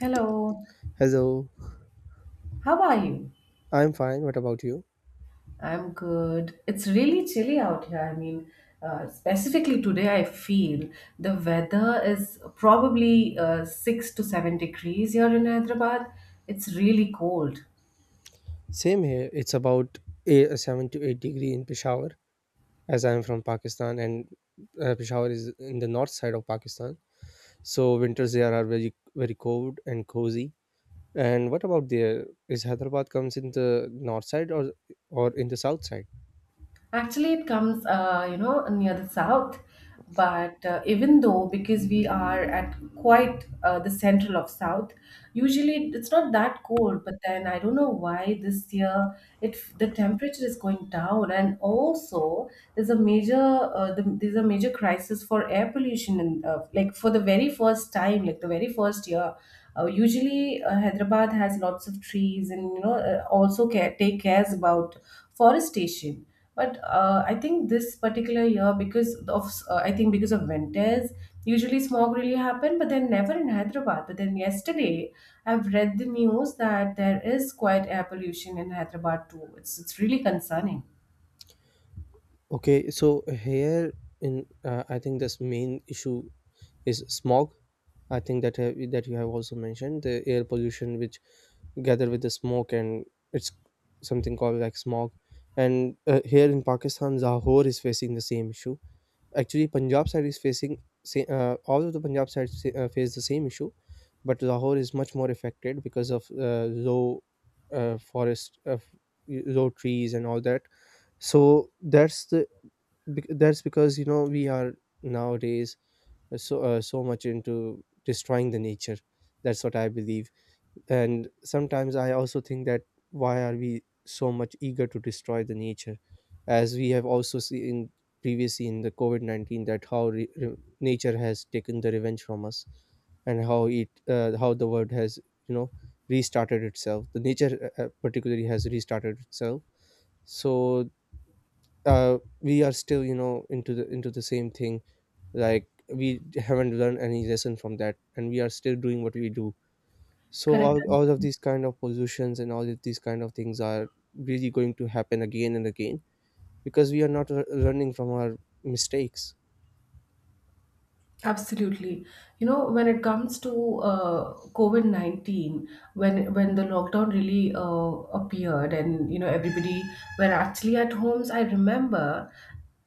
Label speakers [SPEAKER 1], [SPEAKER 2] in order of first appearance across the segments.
[SPEAKER 1] Hello,
[SPEAKER 2] Hello,
[SPEAKER 1] how are you?
[SPEAKER 2] I'm fine. What about you?
[SPEAKER 1] I'm good. It's really chilly out here. Specifically today, I feel the weather is probably 6 to 7 degrees here in Hyderabad. It's really cold.
[SPEAKER 2] Same here. It's about a 7 to 8 degree in Peshawar, as I'm from Pakistan, and Peshawar is in the north side of Pakistan. So winters there are very very cold and cozy. And what about there? Is Hyderabad comes in the north side or in the south side?
[SPEAKER 1] Actually, it comes, near the south. But even though, because we are at quite the central of south, usually it's not that cold. But then I don't know why this year it the temperature is going down, and also there's a major there's a major crisis for air pollution, and like for the very first time, like the very first year. Hyderabad has lots of trees, and also take cares about forestation. But I think this particular year, because of I think because of winters, usually smog really happen, but then never in Hyderabad. But then yesterday, I've read the news that there is quite air pollution in Hyderabad too. It's really concerning.
[SPEAKER 2] Okay, so here in I think this main issue is smog. I think that you have also mentioned the air pollution, which gather with the smoke, and it's something called like smog. And here in Pakistan, Zahor is facing the same issue. Actually Punjab side is facing all of the Punjab sides face the same issue, but Lahore is much more affected because of low forest, low trees and all that. So that's because we are nowadays so much into destroying the nature. That's what I believe. And sometimes I also think that why are we so much eager to destroy the nature, as we have also seen previously in the COVID-19 that how nature has taken the revenge from us, and how it how the world has you know restarted itself. The nature particularly has restarted itself. So we are still into the same thing, like we haven't learned any lesson from that, and we are still doing what we do. So
[SPEAKER 1] Correct.
[SPEAKER 2] all of these kind of positions and all of these kind of things are really going to happen again and again, because we are not learning from our mistakes.
[SPEAKER 1] Absolutely. You know, when it comes to COVID-19, when the lockdown really appeared, and, you know, everybody were actually at homes, I remember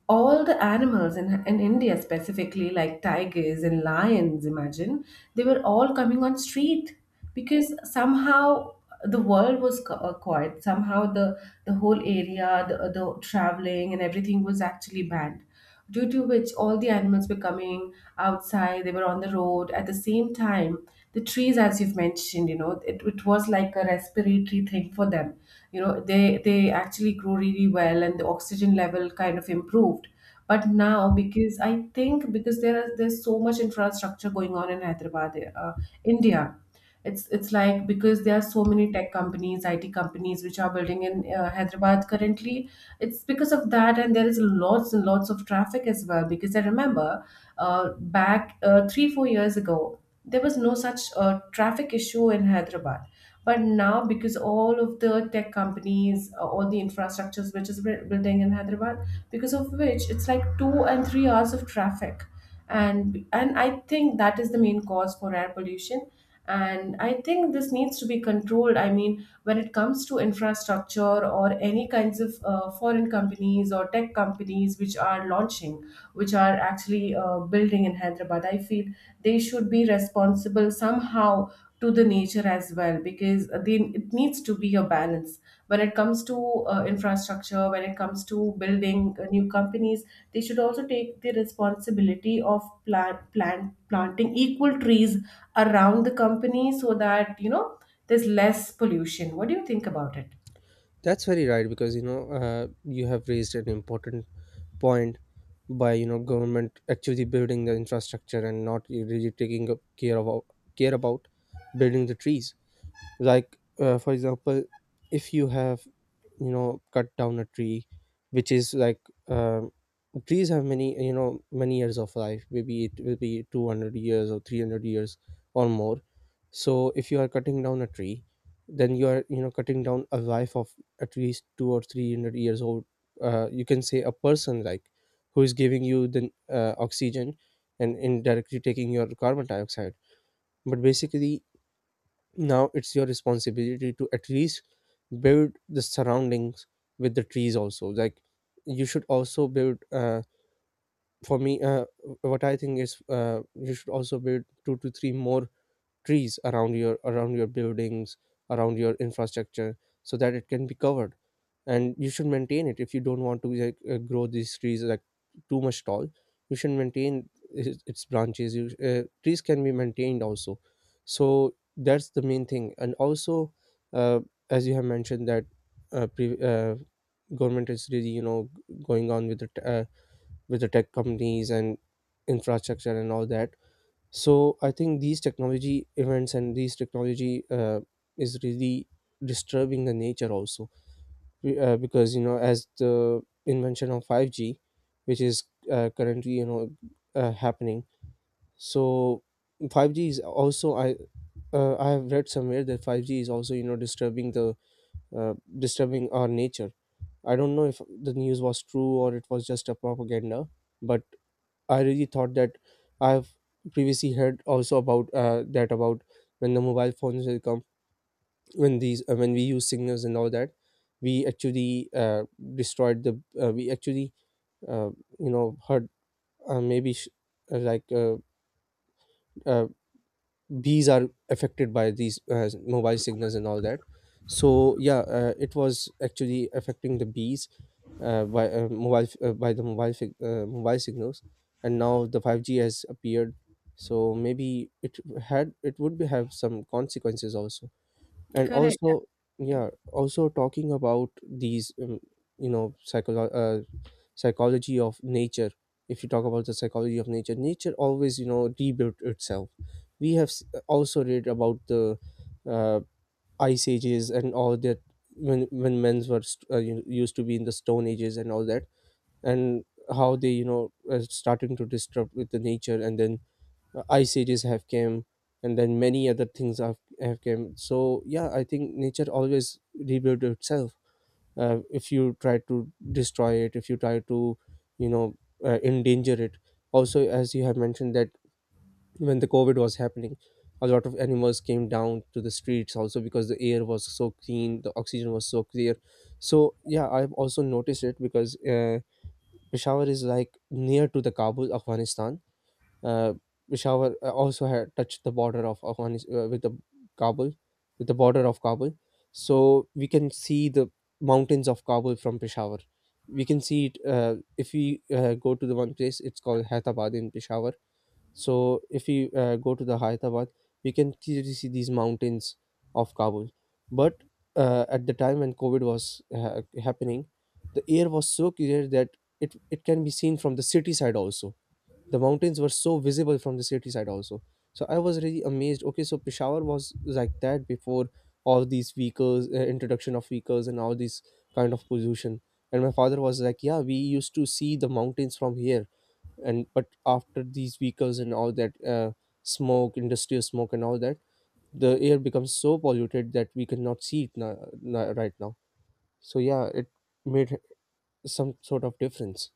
[SPEAKER 1] all the animals in India specifically, like tigers and lions, imagine, they were all coming on street because somehow the world was quiet. Somehow the whole area, the traveling and everything was actually banned, due to which all the animals were coming outside, they were on the road. At the same time, the trees, as you've mentioned, you know, it was like a respiratory thing for them. You know, they actually grew really well and the oxygen level kind of improved. But now, because I think because there's so much infrastructure going on in Hyderabad, India. It's like because there are so many tech companies, IT companies which are building in Hyderabad currently. It's because of that, and there is lots and lots of traffic as well. Because I remember back 3 4 years ago, there was no such traffic issue in Hyderabad. But now, because all of the tech companies, all the infrastructures which is building in Hyderabad, because of which it's like 2 and 3 hours of traffic, and I think that is the main cause for air pollution. And I think this needs to be controlled. I mean, when it comes to infrastructure or any kinds of foreign companies or tech companies which are launching, which are actually building in Hyderabad, I feel they should be responsible somehow to the nature as well, because it needs to be a balance when it comes to infrastructure, when it comes to building new companies. They should also take the responsibility of planting equal trees around the company, so that you know there's less pollution. What do you think about it?
[SPEAKER 2] That's very right, because you have raised an important point. By government actually building the infrastructure and not really taking up care about building the trees. Like for example, if you have cut down a tree, which is like um trees have many you know many years of life. Maybe it will be 200 years or 300 years or more. So if you are cutting down a tree, then you are cutting down a life of at least 2 or 300 years old. You can say a person like who is giving you the oxygen and indirectly taking your carbon dioxide. But basically, now it's your responsibility to at least build the surroundings with the trees also. Like you should also build. For me, what I think is, you should also build two to three more trees around your buildings, around your infrastructure, so that it can be covered. And you should maintain it. If you don't want to, like, grow these trees like too much tall, you should maintain its branches. Trees can be maintained also. So that's the main thing. And also uh, as you have mentioned that, uh, pre- uh, government is really going on with the tech companies and infrastructure and all that. So I think these technology events and these technology is really disturbing the nature also. Because as the invention of 5G, which is currently happening. So 5G is also, I have read somewhere that 5G is also uh, disturbing our nature. I don't know if the news was true or it was just a propaganda. But I really thought that I've previously heard also about when the mobile phones will come, when these when we use signals and all that. We actually destroyed the we actually uh, you know heard, maybe, like, uh, bees are affected by these mobile signals and all that. So yeah, it was actually affecting the bees, by the mobile signals. And now the 5G has appeared. So maybe it would be have some consequences also. And
[SPEAKER 1] Correct.
[SPEAKER 2] also, yeah, also talking about these you know psycholo- uh, psychology of nature. If you talk about the psychology of nature, nature always rebuilt itself. We have also read about the uh, ice ages and all that. When men were used to be in the stone ages and all that, and how they are starting to disrupt with the nature. And then ice ages have came, and then many other things have came. So yeah, I think nature always rebuilds itself, if you try to destroy it, if you try to you know endanger it. Also, as you have mentioned, that when the covid was happening, a lot of animals came down to the streets also, because the air was so clean, the oxygen was so clear. So yeah, I've also noticed it, because Peshawar is like near to the Kabul, Afghanistan. Uh, Peshawar also had touched the border of Afghanistan Kabul, with the border of Kabul. So we can see the mountains of Kabul from Peshawar. We can see it, if we go to the one place. It's called Hyderabad in Peshawar. So if you go to the Hyderabad, we can clearly see these mountains of Kabul. But at the time when COVID was happening, the air was so clear that it can be seen from the city side also. The mountains were so visible from the city side also. So I was really amazed. Okay, so Peshawar was like that before all these vehicles, introduction of vehicles, and all these kind of pollution. And my father was like, yeah, we used to see the mountains from here. And but after these vehicles and all that, smoke industrial smoke and all that, the air becomes so polluted that we cannot see it now, right now. So yeah, it made some sort of difference.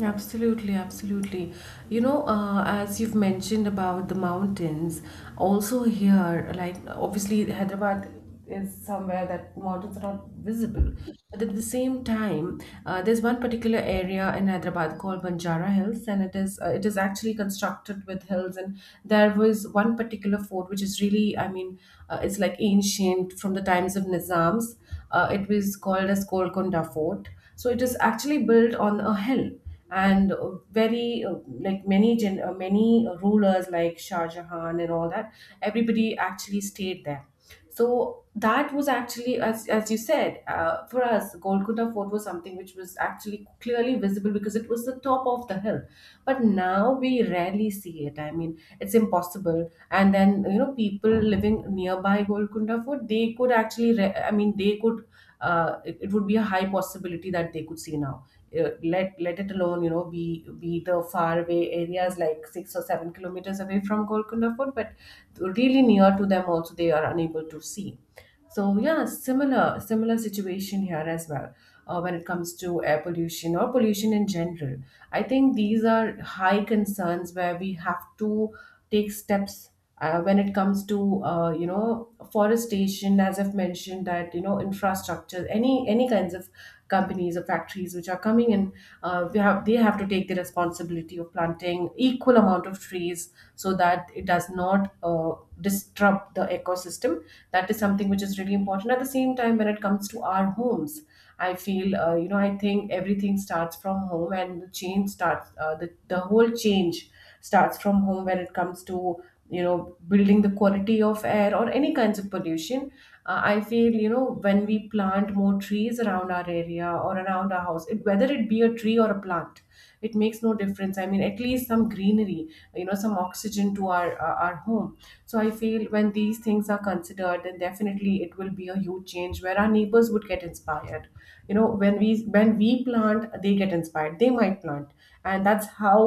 [SPEAKER 1] Absolutely, absolutely. You know, as you've mentioned about the mountains, also here, like obviously Hyderabad is somewhere that mountains are not visible. But at the same time, there's one particular area in Hyderabad called Banjara Hills, and it is actually constructed with hills. And there was one particular fort which is really, I mean, it's like ancient from the times of Nizams. It was called as Golconda Fort. So it is actually built on a hill, and very like many gen- many rulers like Shah Jahan and all that, everybody actually stayed there. So that was actually, as you said, for us Golconda fort was something which was actually clearly visible because it was the top of the hill. But now we rarely see it, I mean it's impossible. And then you know people living nearby Golconda fort, they could actually I mean they could it would be a high possibility that they could see now. Let it alone, you know, be the faraway areas like 6 or 7 kilometers away from Golconda Fort, but really near to them also they are unable to see. So yeah, similar situation here as well when it comes to air pollution or pollution in general. I think these are high concerns where we have to take steps when it comes to you know forestation, as I've mentioned that you know infrastructure, any kinds of companies or factories which are coming in, we have they have to take the responsibility of planting equal amount of trees so that it does not disrupt the ecosystem. That is something which is really important. At the same time, when it comes to our homes, I feel you know I think everything starts from home, and the whole change starts from home when it comes to you know building the quality of air or any kinds of pollution. I feel you know when we plant more trees around our area or around our house, whether it be a tree or a plant, it makes no difference. I mean at least some greenery, you know, some oxygen to our home. So I feel when these things are considered, then definitely it will be a huge change where our neighbors would get inspired. You know, when we, when we plant, they get inspired, they might plant, and that's how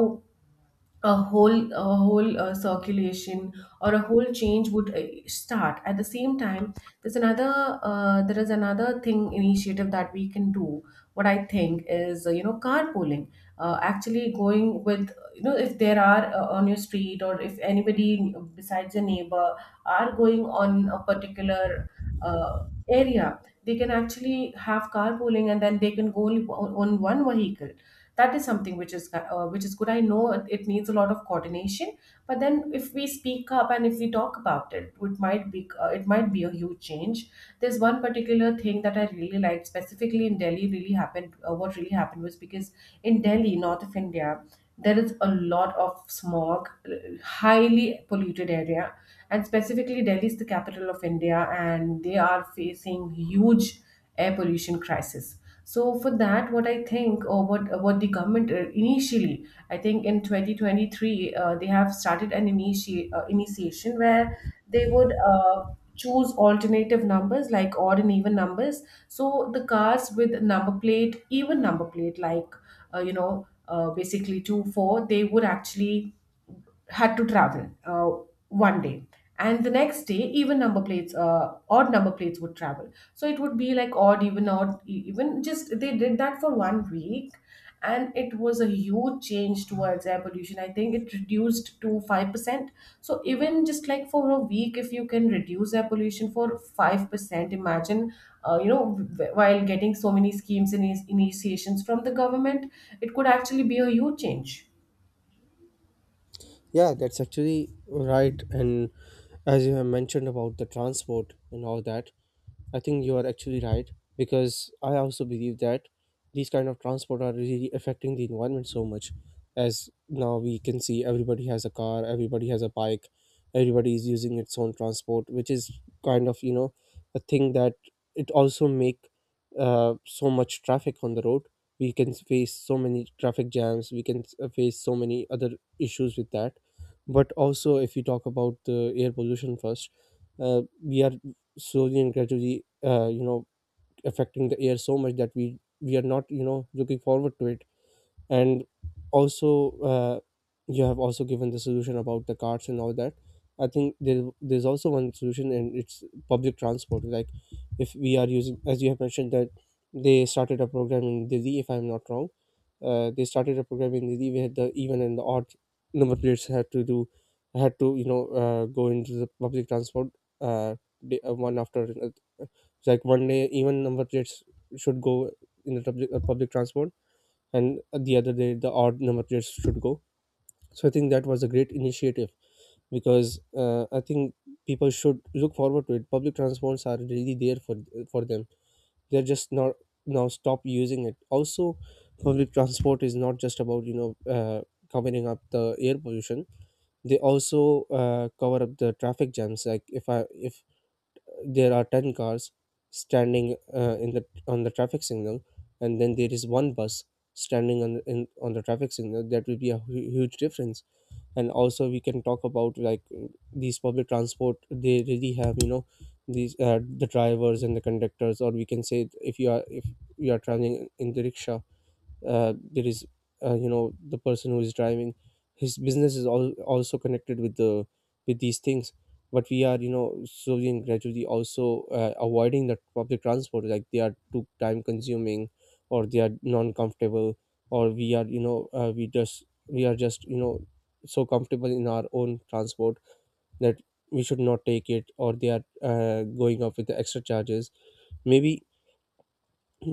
[SPEAKER 1] a whole, a whole circulation or a whole change would start. At the same time, there is another thing initiative that we can do. What I think is, you know, carpooling. Actually going with, you know, if there are on your street or if anybody besides your neighbor are going on a particular uh, area, they can actually have carpooling and then they can go only on one vehicle. That is something which is good. I know it, it needs a lot of coordination, but then if we speak up and if we talk about it, it might be a huge change. There's one particular thing that I really liked specifically in Delhi really happened. What really happened was, because in Delhi, north of India, there is a lot of smog, highly polluted area, and specifically Delhi is the capital of India, and they are facing huge air pollution crisis. So for that, what I think or what the government initially, I think in 2023, they have started an initiation where they would choose alternative numbers like odd and even numbers. So the cars with number plate, even number plate, like basically 2 4, they would actually had to travel 1 day, and the next day even number plates odd number plates would travel. So it would be like odd even odd even. Just they did that for 1 week, and it was a huge change towards air pollution. I think it reduced to 5%. So even just like for a week, if you can reduce air pollution for 5%, imagine you know while getting so many schemes and initiations from the government, it could actually be a huge change.
[SPEAKER 2] Yeah, that's actually right. And as you have mentioned about the transport and all that, I think you are actually right, because I also believe that these kind of transport are really affecting the environment so much. As now we can see, everybody has a car, everybody has a bike, everybody is using its own transport, which is kind of a thing that it also make so much traffic on the road. We can face so many traffic jams. We can face so many other issues with that. But also, if you talk about the air pollution first, we are slowly and gradually, affecting the air so much that we are not looking forward to it. And also you have also given the solution about the carts and all that. I think there's also one solution, and it's public transport. Like if we are using, as you have mentioned, that they started a program in Delhi, if I'm not wrong. They started a program in Delhi where the even and the odd number plates had to go into the public transport uh, day, one after another. It's like one day, even number plates should go in the public transport, and the other day the odd number players should go. So I think that was a great initiative, because I think people should look forward to it. Public transports are really there for them. They're just not now stop using it also. Public transport is not just about uh, covering up the air pollution. They also cover up the traffic jams. Like if there are 10 cars standing in the on the traffic signal, and then there is one bus standing on the traffic signal, that will be a huge difference. And also we can talk about, like, these public transport, they really have, the drivers and the conductors. Or we can say, if you are, traveling in the rickshaw, there is, the person who is driving. His business is also connected with these things. But we are slowly and gradually also avoiding that public transport, like they are too time consuming, or they are non comfortable. Or we are, we are just so comfortable in our own transport that we should not take it. Or they are going up with the extra charges. Maybe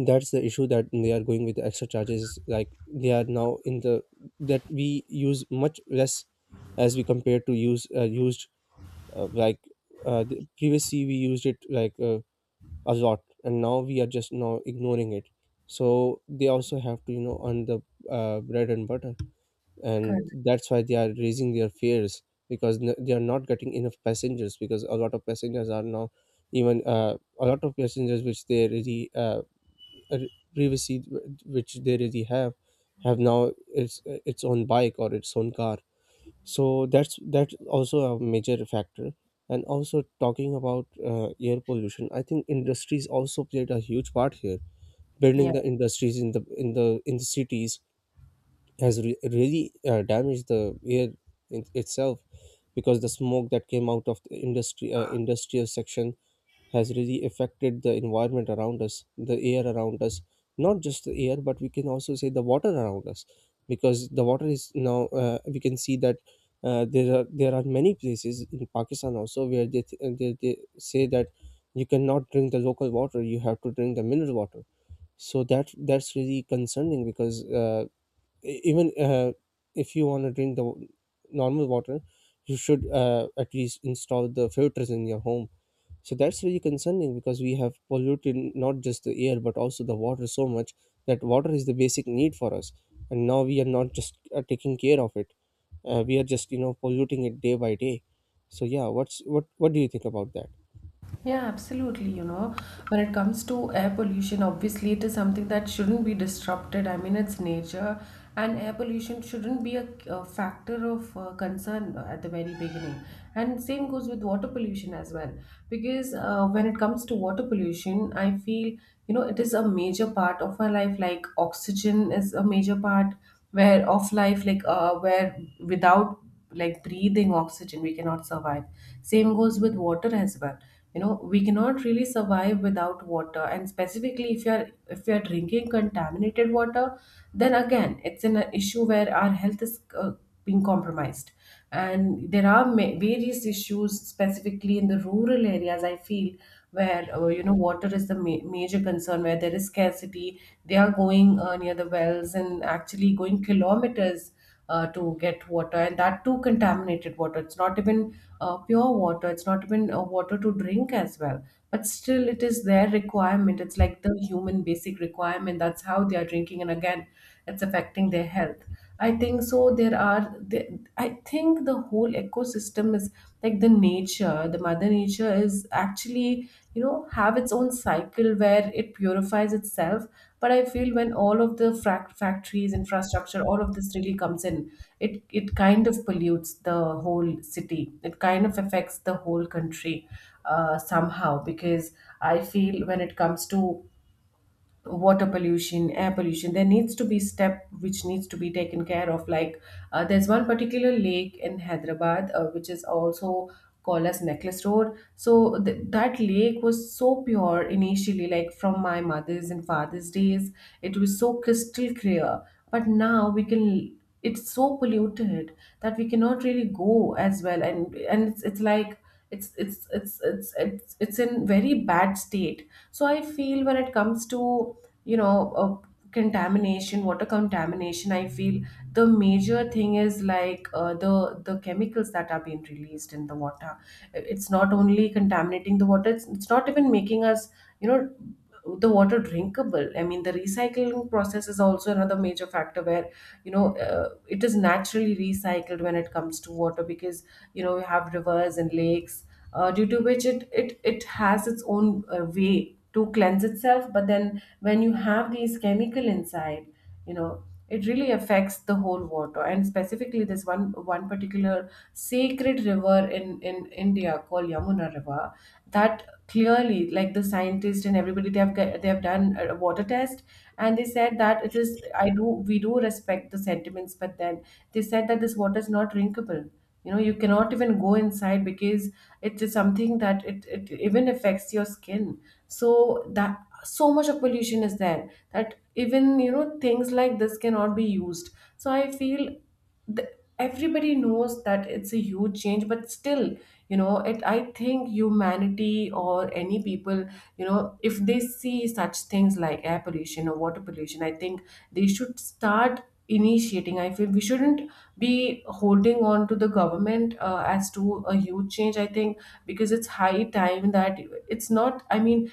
[SPEAKER 2] that's the issue, that they are going with the extra charges, like they are now in the that we use much less as we compare to used, uh, like previously we used it like a lot and Now we are just now ignoring it, so they also have to earn the bread and butter, and
[SPEAKER 1] Correct.
[SPEAKER 2] that's why they are raising their fares because they are not getting enough passengers because a lot of passengers are now even a lot of passengers which they really uh, privacy which they really have now its own bike or its own car. So that's also a major factor. And also talking about air pollution, I think industries also played a huge part here. Building the industries in the cities has really damaged the air in itself, because the smoke that came out of the industry industrial section has really affected the environment around us, the air around us, not just the air, but we can also say the water around us, because the water is now, we can see that there are many places in Pakistan also where they, th- they say that you cannot drink the local water, you have to drink the mineral water. So that's really concerning because, even if you want to drink the normal water, you should, at least install the filters in your home. So that's really concerning, because we have polluted not just the air but also the water so much, that water is the basic need for us, and now we are not just taking care of it. We are just polluting it day by day. So yeah, what do you think about that?
[SPEAKER 1] Yeah, absolutely. You know, when it comes to air pollution, obviously it is something that shouldn't be disrupted. I mean, it's nature, and air pollution shouldn't be a factor of concern at the very beginning. And same goes with water pollution as well, because when it comes to water pollution, I feel you know it is a major part of our life. Like oxygen is a major part where of life, like where without like breathing oxygen we cannot survive. Same goes with water as well. You know we cannot really survive without water, and specifically if you are, if you are drinking contaminated water, then again it's an issue where our health is being compromised. And there are various issues specifically in the rural areas, I feel, where you know water is the major concern where there is scarcity. They are going near the wells and actually going kilometers to get water, and that too contaminated water. It's not even pure water, it's not even water to drink as well. But still, it is their requirement. It's like the human basic requirement. That's how they are drinking, and again, it's affecting their health. I think so. There are, the. I think the whole ecosystem is like the nature nature the mother nature is actually have its own cycle where it purifies itself. But I feel when all of the factories, infrastructure, all of this really comes in, it kind of pollutes the whole city, it kind of affects the whole country somehow. Because I feel when it comes to water pollution, air pollution, there needs to be step which needs to be taken care of. Like there's one particular lake in Hyderabad, which is also called as Necklace Road. So that lake was so pure initially, like from my mother's and father's days it was so crystal clear. But now we can, it's so polluted that we cannot really go as well. And it's like it's in very bad state. So I feel when it comes to you know uh, contamination, water contamination, I feel the major thing is like the chemicals that are being released in the water. It's not only contaminating the water, it's not even making us, you know the water drinkable. I mean, the recycling process is also another major factor where, it is naturally recycled when it comes to water, because you know we have rivers and lakes, due to which it has its own way to cleanse itself. But then when you have these chemical inside, you know, it really affects the whole water. And specifically this one particular sacred river in India called Yamuna River, that clearly, like the scientists and everybody, they have they have done a water test, and they said that it is, I do, we do respect the sentiments, but then they said that this water is not drinkable. You know, you cannot even go inside because it is something that it even affects your skin. So that, so much of pollution is there that even, you know, things like this cannot be used. So I feel the, everybody knows that it's a huge change. But still, you know, it, I think humanity or any people, you know, if they see such things like air pollution or water pollution, I think they should start initiating. I feel we shouldn't be holding on to the government as to a huge change, I think, because it's high time that, it's not, I mean,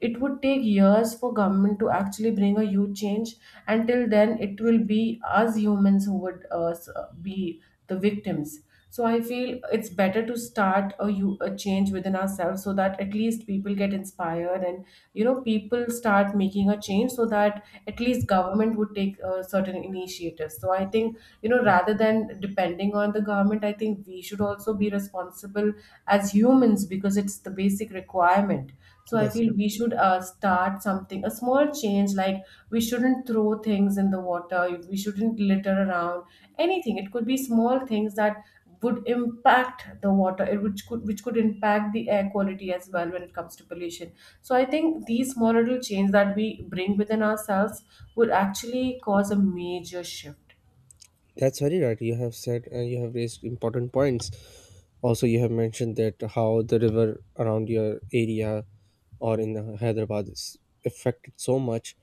[SPEAKER 1] it would take years for government to actually bring a huge change. Until then, it will be us humans who would be the victims. So I feel it's better to start a, you a change within ourselves, so that at least people get inspired and, you know, people start making a change, so that at least government would take certain initiatives. So I think, you know, rather than depending on the government, I think we should also be responsible as humans because it's the basic requirement. So I
[SPEAKER 2] That's
[SPEAKER 1] feel we should start something, a small change, like we shouldn't throw things in the water, we shouldn't litter around anything. It could be small things that would impact the water, which could impact the air quality as well when it comes to pollution. So I think these small little change that we bring within ourselves would actually cause a major shift.
[SPEAKER 2] that's very right. You have said and you have raised important points. Also, you have mentioned that how the river around your area or in Hyderabad is affected so much.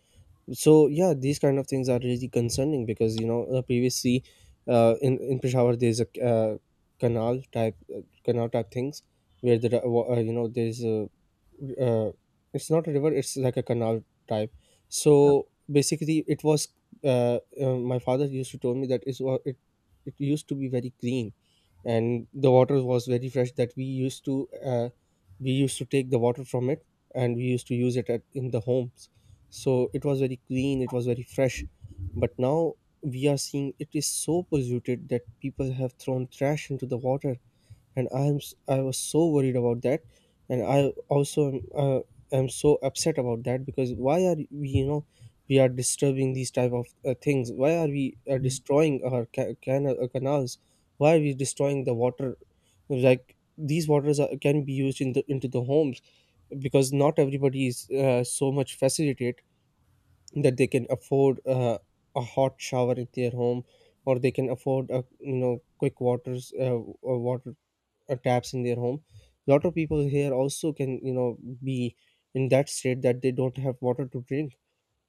[SPEAKER 2] So yeah, these kind of things are really concerning, because previously, in Peshawar there's a, canal type, canal type things where the you know, there's a, uh, it's not a river, it's like a canal type. So basically it was, my father used to tell me that it it used to be very clean, and the water was very fresh, that we used to take the water from it and we used to use it in the homes. So it was very clean, it was very fresh, but now we are seeing it is so polluted that people have thrown trash into the water. And I was so worried about that, and I also am so upset about that, because why are we, we are disturbing these type of things? Why are we destroying our canals? Why are we destroying the water? Like, these waters can be used in the, into the homes, because not everybody is so much facilitated that they can afford a hot shower in their home, or they can afford a, quick waters water taps in their home. A lot of people here also can, be in that state that they don't have water to drink,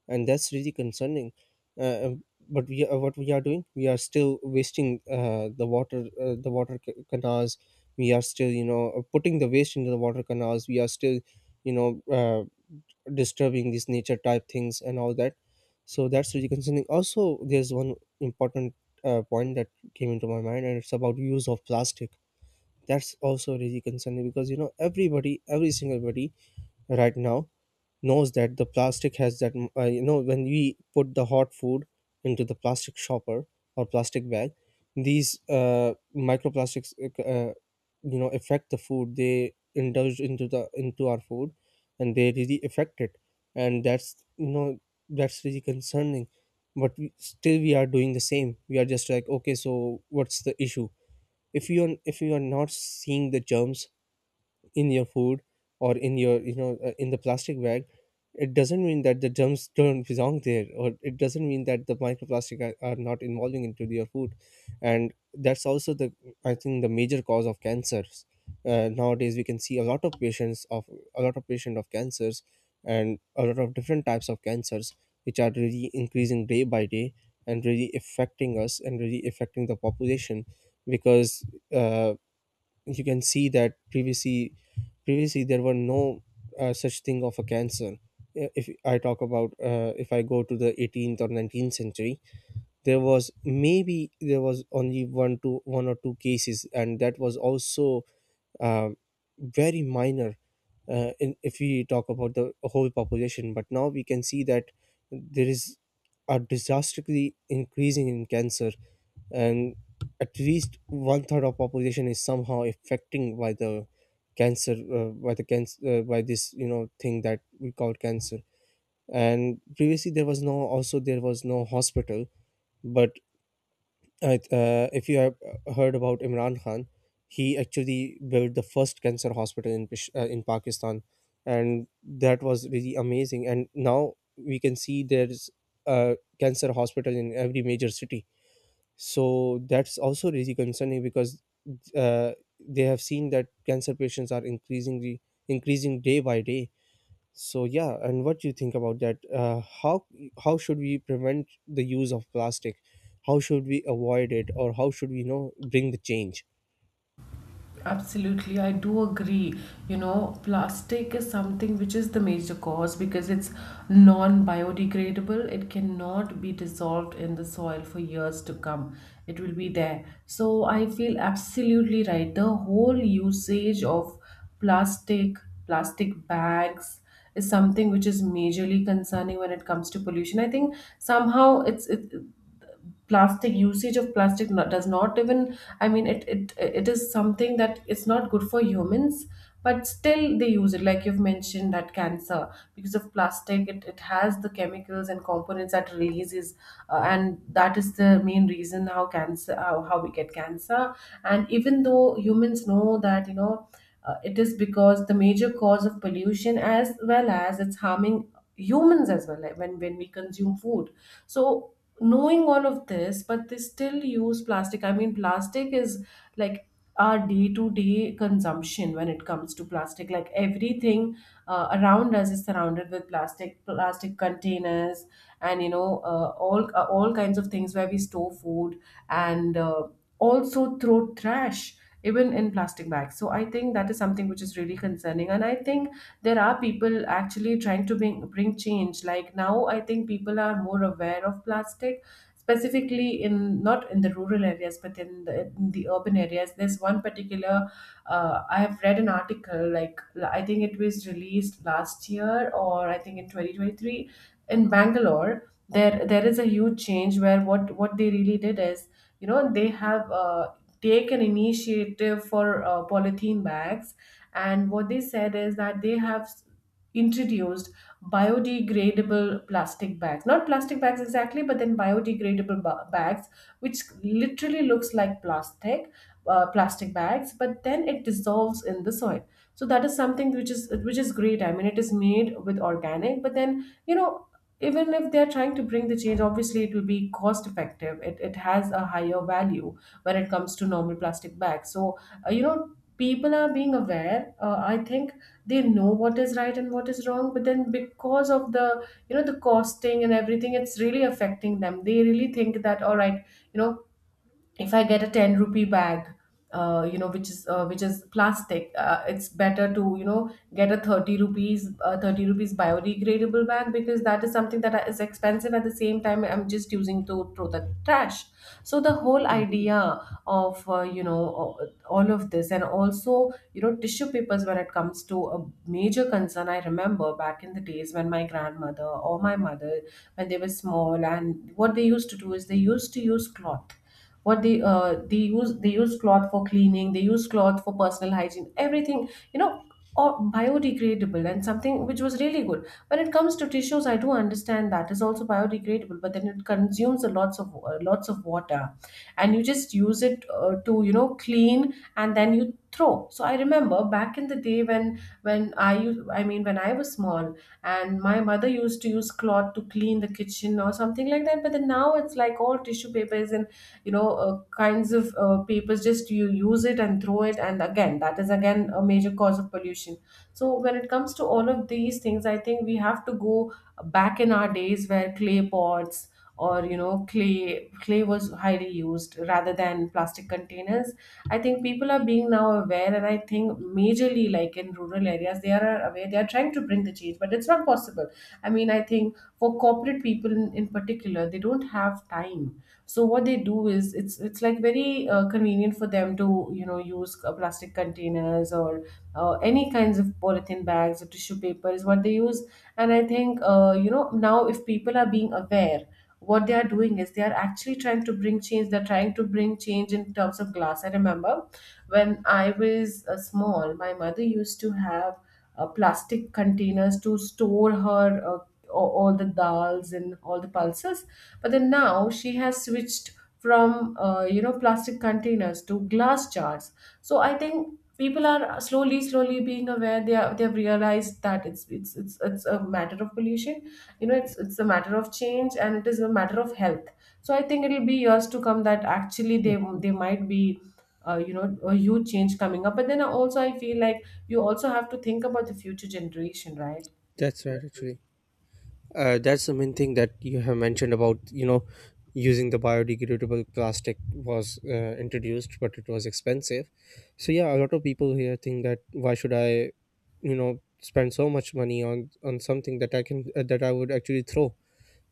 [SPEAKER 2] and that's really concerning. uh, um, but we are, what we are doing, we are still wasting the water, the water canals. We are still putting the waste into the water canals. We are still, you know uh, disturbing these nature type things and all that. So that's really concerning. Also, there's one important point that came into my mind, and it's about use of plastic. That's also really concerning, because everybody, every single body right now knows that the plastic has that you know, when we put the hot food into the plastic shopper or plastic bag, these microplastics you know, affect the food, they indulge into the into our food and they really affect it, and that's you know that's really concerning. But we, still we are doing the same. We are just like, okay, so what's the issue? If you're not seeing the germs in your food or in your, in the plastic bag, it doesn't mean that the germs don't belong there, or it doesn't mean that the microplastic are not involving into your food. And that's also the, I think, the major cause of cancers. Nowadays we can see a lot of patients of a lot of patient of cancers, and a lot of different types of cancers which are really increasing day by day and really affecting us and really affecting the population. Because uh, you can see that previously there were no such thing of a cancer. If I talk about, if I go to the 18th or 19th century, there was maybe, there was only one to, one or two cases, and that was also uh, very minor, if we talk about the whole population. But now we can see that there is a disastrously increasing in cancer, and at least one third of population is somehow affecting by the cancer, by this, thing that we call cancer. And previously there was no, also there was no hospital, but if you have heard about Imran Khan, he actually built the first cancer hospital in in Pakistan, and that was really amazing. And now we can see there's a cancer hospital in every major city. So that's also really concerning, because uh, they have seen that cancer patients are increasing day by day. So yeah, and what do you think about that? How should we prevent the use of plastic? How should we avoid it, or how should we, bring the change?
[SPEAKER 1] Absolutely, I do agree. You know, plastic is something which is the major cause because it's non biodegradable. It cannot be dissolved in the soil for years to come. It will be there. So I feel absolutely right. The whole usage of plastic, plastic bags, is something which is majorly concerning when it comes to pollution. I think somehow plastic, usage of plastic, not, does not even, I mean, it is something that it's not good for humans, but still they use it. Like you've mentioned that cancer, because of plastic, it has the chemicals and components that releases, and that is the main reason how cancer, how we get cancer. And even though humans know that, you know, it is because the major cause of pollution, as well as it's harming humans as well, like when we consume food. So knowing all of this, but they still use plastic. I mean, plastic is like our day-to-day consumption. When it comes to plastic, like everything around us is surrounded with plastic, plastic containers, and you know, all kinds of things where we store food, and also throw trash even in plastic bags. So I think that is something which is really concerning. And I think there are people actually trying to bring change, like now I think people are more aware of plastic, specifically in, not in the rural areas, but in in the urban areas. There's one particular, I have read an article like, I think it was released last year, or I think in 2023, in Bangalore, there is a huge change where what they really did is, you know, they have taken initiative for polythene bags. And what they said is that they have introduced biodegradable plastic bags, not plastic bags exactly, but then biodegradable bags which literally looks like plastic, plastic bags, but then it dissolves in the soil. So that is something which is, which is great. I mean, it is made with organic, but then you know, even if they're trying to bring the change, obviously it will be cost effective. It it, has a higher value when it comes to normal plastic bags. So you know, people are being aware, I think they know what is right and what is wrong, but then because of the, you know, the costing and everything, it's really affecting them. They really think that, all right, you know, if I get a 10 rupee bag, you know, which is plastic, it's better to, you know, get a 30 rupees, 30 rupees biodegradable bag, because that is something that is expensive. At the same time, I'm just using to throw the trash. So the whole idea of, all of this, and also you know tissue papers when it comes to a major concern. I remember back in the days when my grandmother or my mother, when they were small, and what they used to do is they used to use cloth. What they they use cloth for cleaning, they use cloth for personal hygiene, everything, you know, or biodegradable, and something which was really good. When it comes to tissues, I do understand that is also biodegradable, but then it consumes a lots of water, and you just use it to, you know, clean and then you throw. So I remember back in the day when I u- I mean when I was small, and my mother used to use cloth to clean the kitchen or something like that. But then now it's like all tissue papers, and you know, kinds of papers, just you use it and throw it. And again, that is again a major cause of pollution. So when it comes to all of these things, I think we have to go back in our days where clay pots, or you know, clay was highly used rather than plastic containers. I think people are being now aware, and I think majorly like in rural areas they are aware, they are trying to bring the change, but it's not possible. I mean, I think for corporate people in particular, they don't have time. So what they do is, it's like very convenient for them to, you know, use plastic containers, or any kinds of polythene bags or tissue paper is what they use. And I think you know, now if people are being aware, what they are doing is they are actually trying to bring change. They're trying to bring change in terms of glass. I remember when I was small, my mother used to have plastic containers to store her all the dals and all the pulses. But then now she has switched from you know, plastic containers to glass jars. So I think people are slowly slowly being aware. They are, they've realized that it's a matter of pollution, you know, it's a matter of change, and it is a matter of health. So I think it'll be years to come that actually they might be, you know, a huge change coming up. But then also I feel like you also have to think about the future generation, right?
[SPEAKER 2] That's right, actually. That's the main thing that you have mentioned, about, using the biodegradable plastic was introduced, but it was expensive. So yeah, a lot of people here think that, why should I, spend so much money on something that I can that I would actually throw,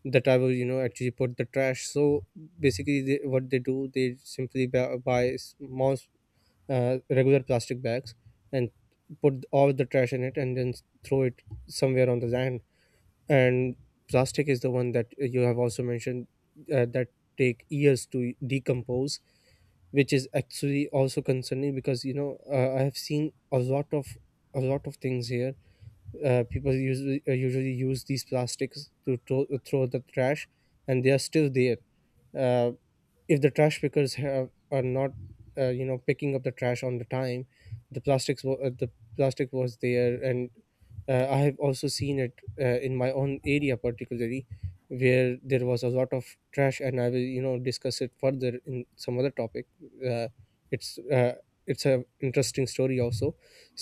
[SPEAKER 2] that I will, actually put the trash. So basically what they do, they simply buy small regular plastic bags and put all the trash in it, and then throw it somewhere on the land. And plastic is the one that you have also mentioned, that take years to decompose, which is actually also concerning, because I have seen a lot of, a lot of things here. People usually usually use these plastics to throw the trash, and they are still there. Uh, if the trash pickers have are not picking up the trash on the time, the plastic was there. And I have also seen it, in my own area particularly, where there was a lot of trash, and I will, discuss it further in some other topic. uh, it's uh, it's a interesting story also.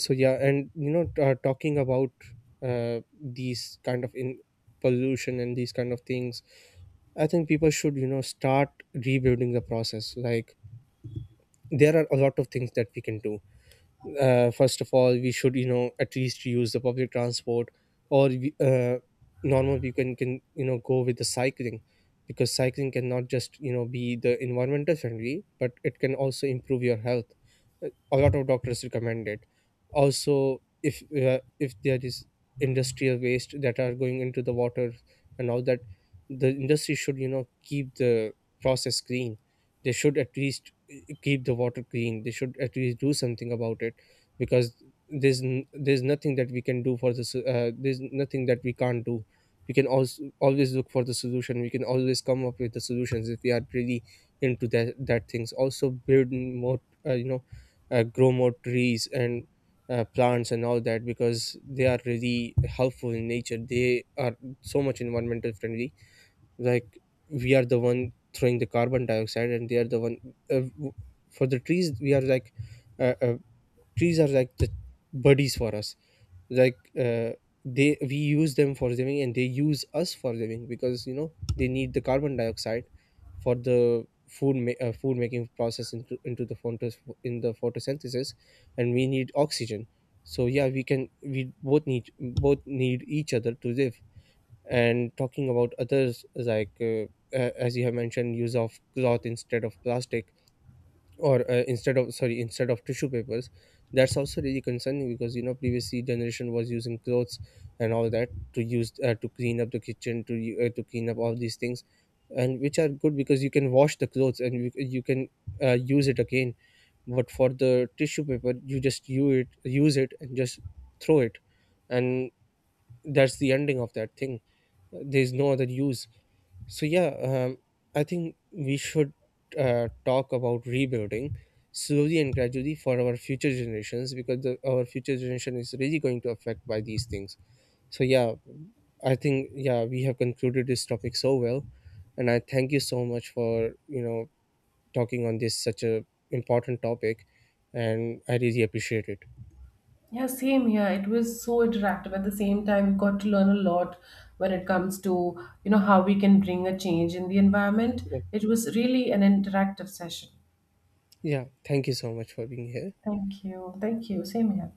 [SPEAKER 2] So yeah, and talking about these kind of in pollution and these kind of things, I think people should, you know, start rebuilding the process. Like, there are a lot of things that we can do. First of all, we should, at least use the public transport, or normal people can, go with the cycling, because cycling cannot just, be the environmental friendly, but it can also improve your health. Uh, a lot of doctors recommend it. Also, if uh, if there is industrial waste that are going into the water and all that, the industry should, keep the process clean. They should at least keep the water clean, they should at least do something about it. Because there's nothing that we can do for this, there's nothing that we can't do. We can also always look for the solution, we can always come up with the solutions, if we are really into that. That things, also build more uh, you know grow more trees and plants and all that, because they are really helpful in nature, they are so much environmental friendly. Like, we are the one throwing the carbon dioxide, and they are the one, uh, w- for the trees. We are like, uh, uh, trees are like the buddies for us. Like they, we use them for living, and they use us for living, because they need the carbon dioxide for the food making process into the photos in the photosynthesis, and we need oxygen. So yeah, we can, we both need each other to live. And talking about others, like as you have mentioned, use of cloth instead of plastic, or instead of tissue papers. That's also really concerning, because previously generation was using clothes and all that to use, to clean up the kitchen, to clean up all these things. And which are good, because you can wash the clothes and you can use it again. But for the tissue paper, you just use it, use it and just throw it, and that's the ending of that thing. There's no other use. So yeah, I think we should talk about rebuilding slowly and gradually for our future generations, because our future generation is really going to affect by these things. So yeah, I think, yeah, we have concluded this topic so well, and I thank you so much for, you know, talking on this such a important topic, and I really appreciate it.
[SPEAKER 1] Yeah, same here. It was so interactive. At the same time, we got to learn a lot when it comes to, you know, how we can bring a change in the environment. It was really an interactive session.
[SPEAKER 2] Yeah, thank you so much for being here.
[SPEAKER 1] Thank you. Thank you. Same here.